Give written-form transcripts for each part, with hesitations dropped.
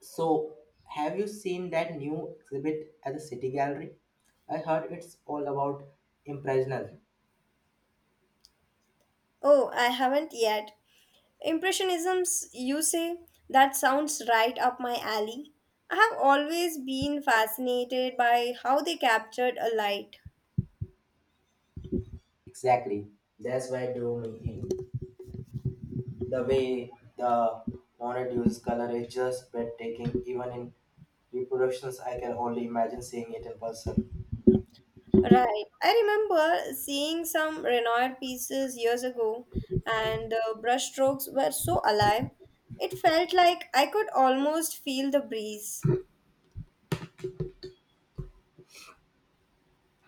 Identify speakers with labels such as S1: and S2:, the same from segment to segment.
S1: So, have you seen that new exhibit at the City Gallery? I heard it's all about impressionism.
S2: Oh, I haven't yet. Impressionisms, you say? That sounds right up my alley. I have always been fascinated by how they captured a light.
S1: Exactly. That's why I drew me in. The way the monet uses color is just breathtaking. Even in reproductions, I can only imagine seeing it in person.
S2: Right. I remember seeing some Renoir pieces years ago, and the brushstrokes were so alive. It felt like I could almost feel the breeze.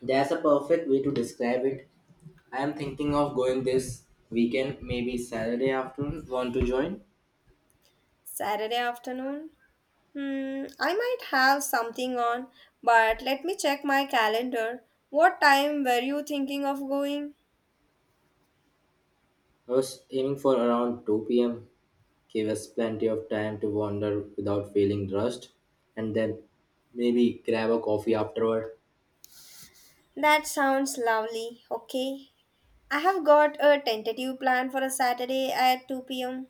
S1: That's a perfect way to describe it. I am thinking of going this weekend, maybe Saturday afternoon. Want to join?
S2: Saturday afternoon. Hmm, I might have something on, but let me check my calendar. What time were you thinking of going?
S1: I was aiming for around 2 p.m. Give us plenty of time to wander without feeling rushed, and then maybe grab a coffee afterward.
S2: That sounds lovely. Okay. I have got a tentative plan for a Saturday at 2 pm.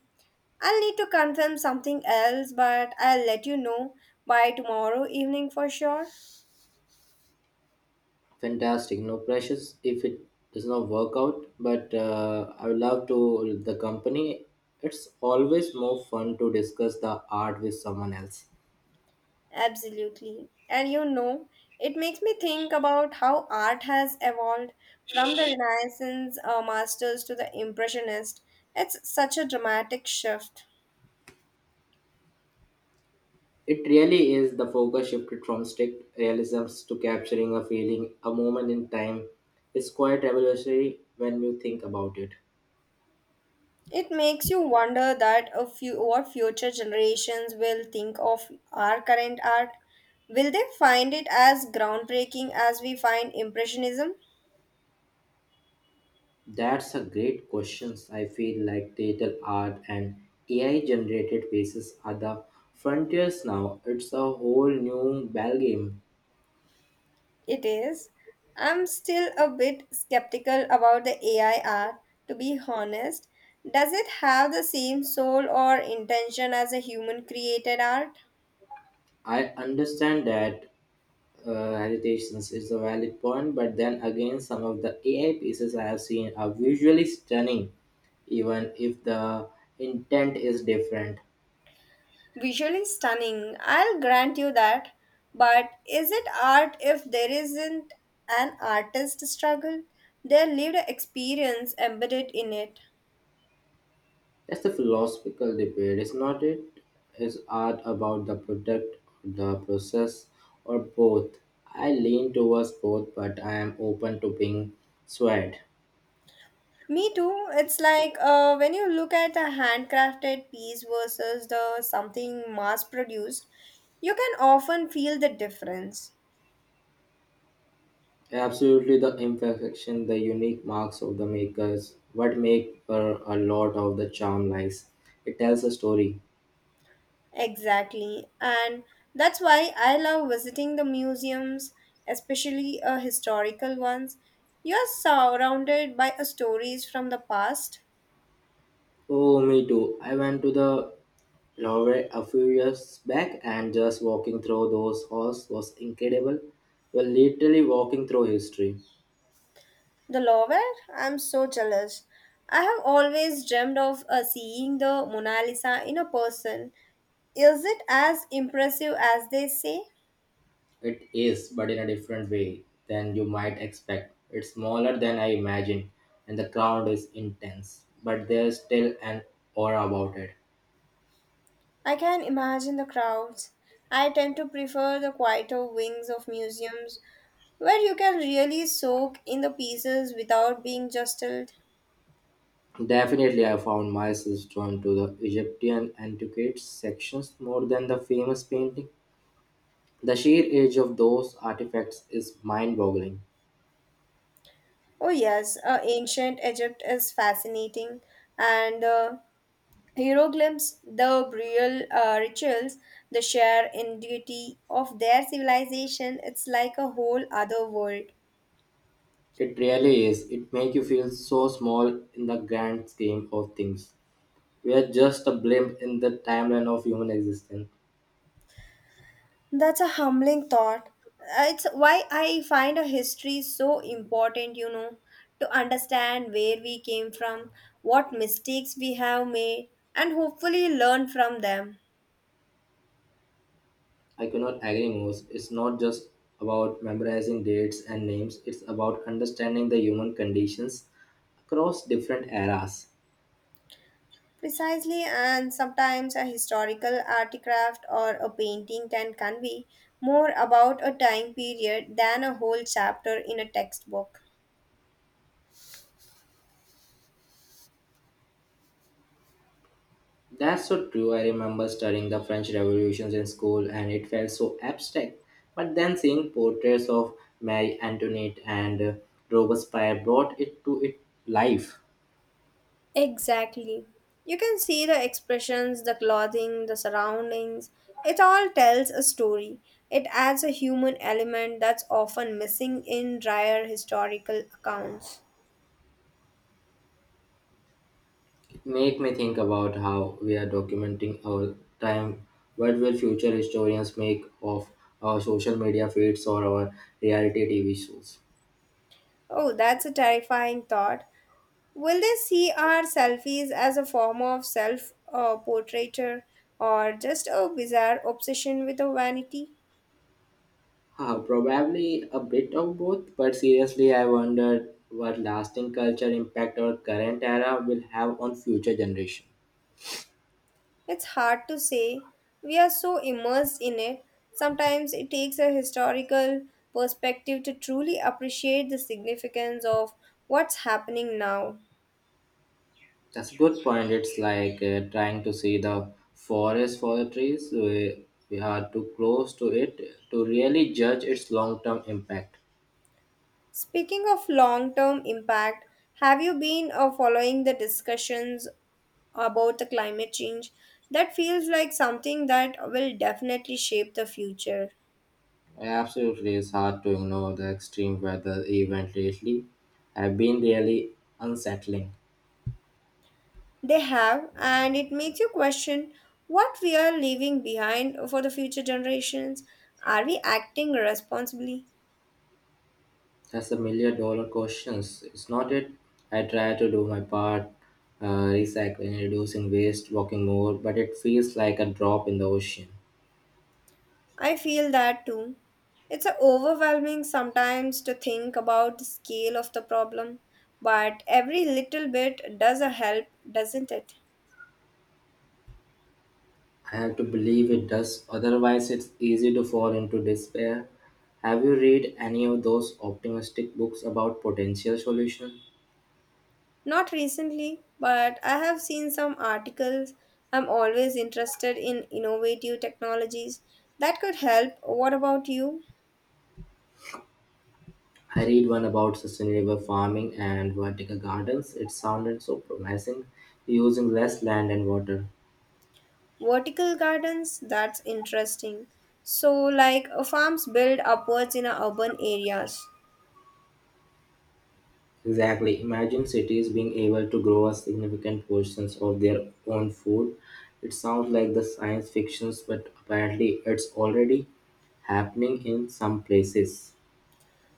S2: I'll need to confirm something else, but I'll let you know by tomorrow evening for sure.
S1: Fantastic, no pressures if it does not work out, but I would love to the company. It's always more fun to discuss the art with someone else.
S2: Absolutely. And you know, it makes me think about how art has evolved from the Renaissance masters to the Impressionist. It's such a dramatic shift.
S1: It really is. The focus shifted from strict realisms to capturing a feeling, a moment in time. It's quite revolutionary when you think about it.
S2: It makes you wonder that a few what future generations will think of our current art. Will they find it as groundbreaking as we find Impressionism?
S1: That's a great question. I feel like digital art and AI generated pieces are the frontiers now. It's a whole new ballgame.
S2: It is. I'm still a bit skeptical about the AI art, to be honest. Does it have the same soul or intention as a human created art?
S1: I understand that. Hesitations is a valid point, but then again, some of the AI pieces I have seen are visually stunning, even if the intent is different.
S2: Visually stunning, I'll grant you that. But is it art if there isn't an artist struggle? Their lived experience embedded in it.
S1: That's a philosophical debate, is not it? Is art about the product, the process, or both? I lean towards both, but I am open to being swayed.
S2: Me too. It's like when you look at a handcrafted piece versus the something mass produced, you can often feel the difference.
S1: Absolutely, the imperfection, the unique marks of the makers, what make her a lot of the charm lies. It tells a story.
S2: Exactly. And that's why I love visiting the museums, especially historical ones. You are surrounded by stories from the past.
S1: Oh, me too. I went to the Louvre a few years back, and just walking through those halls was incredible. You're literally walking through history.
S2: The Louvre, I'm so jealous. I have always dreamed of seeing the Mona Lisa in a person. Is it as impressive as they say?
S1: It is, but in a different way than you might expect. It's smaller than I imagined, and the crowd is intense, but there's still an aura about it.
S2: I can imagine the crowds. I tend to prefer the quieter wings of museums where you can really soak in the pieces without being jostled.
S1: Definitely, I found myself drawn to the Egyptian antiquities sections more than the famous painting. The sheer age of those artifacts is mind-boggling.
S2: Oh, yes, ancient Egypt is fascinating, and the hieroglyphs, the burial rituals, the sheer ingenuity of their civilization, it's like a whole other world.
S1: It really is. It makes you feel so small in the grand scheme of things. We are just a blimp in the timeline of human existence.
S2: That's a humbling thought. It's why I find a history so important, you know, to understand where we came from, what mistakes we have made, and hopefully learn from them.
S1: I cannot agree more. It's not just about memorizing dates and names, it's about understanding the human conditions across different eras.
S2: Precisely, and sometimes a historical artifact or a painting can convey more about a time period than a whole chapter in a textbook.
S1: That's so true. I remember studying the French revolutions in school, and it felt so abstract. But then seeing portraits of Marie Antoinette and Robespierre brought it to it life.
S2: Exactly. You can see the expressions, the clothing, the surroundings. It all tells a story. It adds a human element that's often missing in drier historical accounts.
S1: Make me think about how we are documenting our time. What will future historians make of our social media feeds or our reality TV shows?
S2: Oh, that's a terrifying thought. Will they see our selfies as a form of self portraiture or just a bizarre obsession with a vanity?
S1: Probably a bit of both, but seriously, I wonder what lasting culture impact our current era will have on future generations.
S2: It's hard to say. We are so immersed in it. Sometimes it takes a historical perspective to truly appreciate the significance of what's happening now.
S1: That's a good point. It's like trying to see the forest for the trees. We are too close to it to really judge its long term impact.
S2: Speaking of long term impact, have you been following the discussions about the climate change? That feels like something that will definitely shape the future.
S1: Absolutely, it's hard to ignore the extreme weather event lately. Have been really unsettling.
S2: They have, and it makes you question what we are leaving behind for the future generations. Are we acting responsibly?
S1: That's $1 million questions. It's not it. I try to do my part, uh, recycling, reducing waste, walking more, but it feels like a drop in the ocean.
S2: I feel that too. It's overwhelming sometimes to think about the scale of the problem, but every little bit does a help, doesn't it?
S1: I have to believe it does. Otherwise, it's easy to fall into despair. Have you read any of those optimistic books about potential solutions?
S2: Not recently, but I have seen some articles. I'm always interested in innovative technologies that could help. What about you?
S1: I read one about sustainable farming and vertical gardens. It sounded so promising, using less land and water.
S2: Vertical gardens, that's interesting. So, like farms built upwards in urban areas.
S1: Exactly. Imagine cities being able to grow a significant portions of their own food. It sounds like the science fictions, but apparently it's already happening in some places.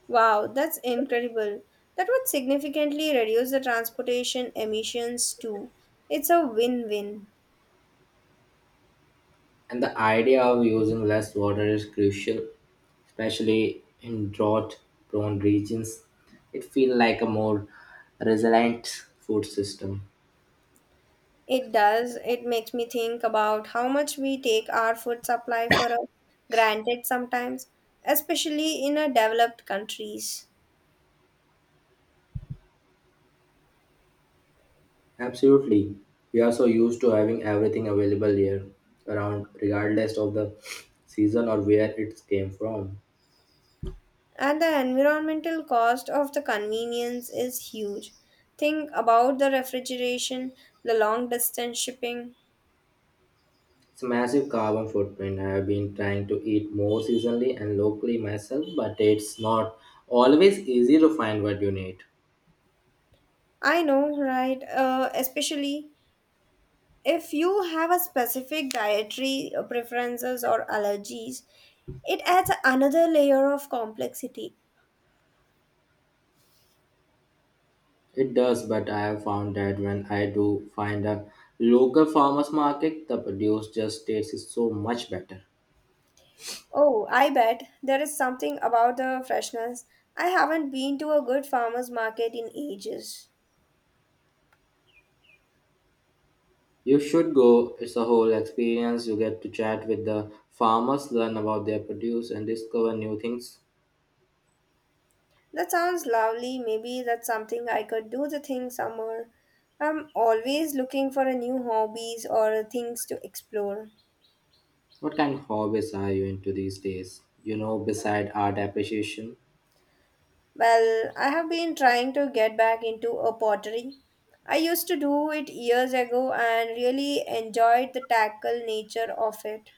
S2: Wow, that's incredible. That would significantly reduce the transportation emissions too. It's a win win.
S1: And the idea of using less water is crucial, especially in drought-prone regions. It feels like a more resilient food system.
S2: It does. It makes me think about how much we take our food supply for granted sometimes, especially in developed countries.
S1: Absolutely. We are so used to having everything available year around, regardless of the season or where it came from.
S2: And the environmental cost of the convenience is huge. Think about the refrigeration, the long distance shipping.
S1: It's a massive carbon footprint. I have been trying to eat more seasonally and locally myself, but it's not always easy to find what you need.
S2: I know, right? Especially if you have a specific dietary preferences or allergies, it adds another layer of complexity.
S1: It does, but I have found that when I do find a local farmers market, the produce just tastes so much better.
S2: Oh, I bet there is something about the freshness. I haven't been to a good farmer's market in ages.
S1: You should go. It's a whole experience. You get to chat with the farmers, learn about their produce, and discover new things.
S2: That sounds lovely. Maybe that's something I could do the thing summer. I'm always looking for a new hobbies or things to explore.
S1: What kind of hobbies are you into these days? You know, beside art appreciation,
S2: Well, I have been trying to get back into a pottery. I used to do it years ago and really enjoyed the tackle nature of it.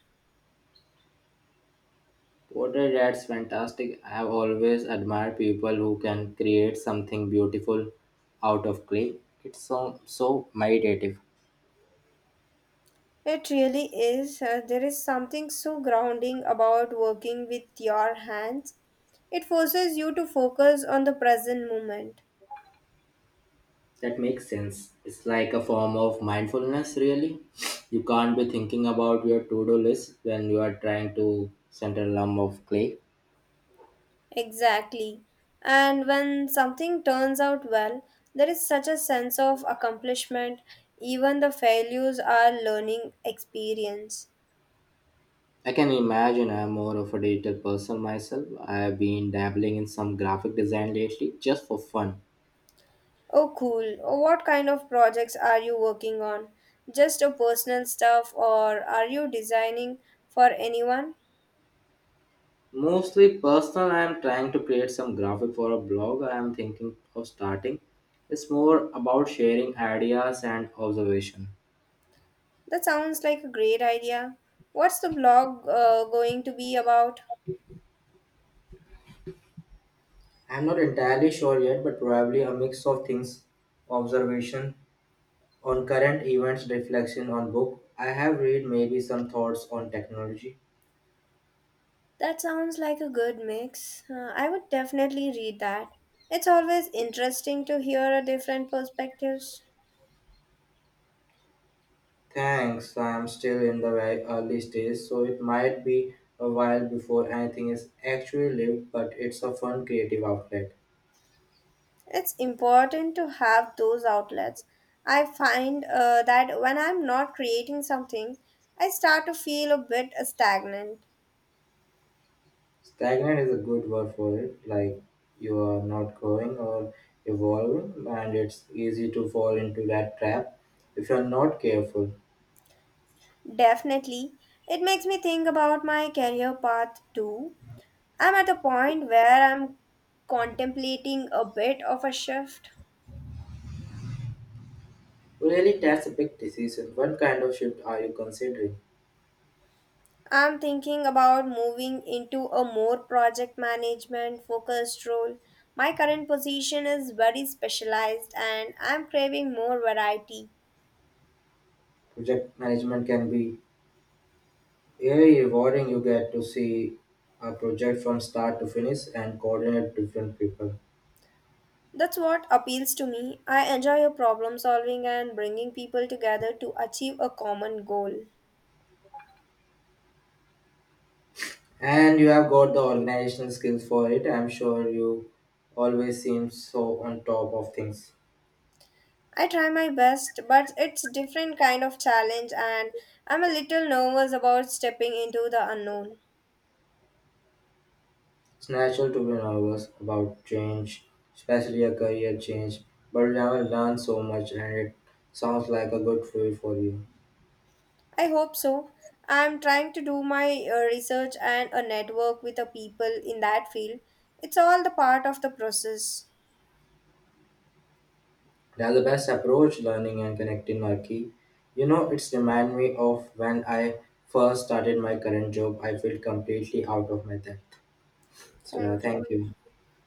S1: pottery, that's fantastic. I've always admired people who can create something beautiful out of clay. It's so so meditative.
S2: It really is. There is something so grounding about working with your hands. It forces you to focus on the present moment.
S1: That makes sense. It's like a form of mindfulness, really. You can't be thinking about your to-do list when you are trying to center a lump of clay.
S2: Exactly. And when something turns out well, there is such a sense of accomplishment. Even the failures are learning experience.
S1: I can imagine. I'm more of a digital person myself. I've been dabbling in some graphic design lately just for fun.
S2: Oh, cool. Oh, what kind of projects are you working on? Just a personal stuff, or are you designing for anyone?
S1: Mostly personal, I'm trying to create some graphic for a blog I'm thinking of starting. It's more about sharing ideas and observation.
S2: That sounds like a great idea. What's the blog going to be about?
S1: I'm not entirely sure yet, but probably a mix of things, observation on current events, reflection on book I have read, maybe some thoughts on technology.
S2: That sounds like a good mix. I would definitely read that. It's always interesting to hear a different perspectives.
S1: Thanks, I'm still in the very early stage, so it might be a while before anything is actually lived, but it's a fun creative outlet.
S2: It's important to have those outlets. I find that when I'm not creating something, I start to feel a bit stagnant.
S1: Stagnant is a good word for it, like you are not growing or evolving, and it's easy to fall into that trap if you're not careful.
S2: Definitely, it makes me think about my career path too. I'm at the point where I'm contemplating a bit of a shift.
S1: Really, that's a big decision. What kind of shift are you considering?
S2: I'm thinking about moving into a more project management focused role. My current position is very specialized and I'm craving more variety.
S1: Project management can be very rewarding. You get to see a project from start to finish and coordinate different people.
S2: That's what appeals to me. I enjoy a problem solving and bringing people together to achieve a common goal.
S1: And you have got the organizational skills for it. I'm sure you always seem so on top of things.
S2: I try my best, but it's different kind of challenge and I'm a little nervous about stepping into the unknown.
S1: It's natural to be nervous about change, especially a career change, but you have learned so much and it sounds like a good fit for you.
S2: I hope so. I'm trying to do my research and a network with the people in that field. It's all the part of the process.
S1: That's the best approach, learning and connecting are key. You know, it's remind me of when I first started my current job, I feel completely out of my depth. So yeah,
S2: Thank
S1: thank
S2: you.
S1: you.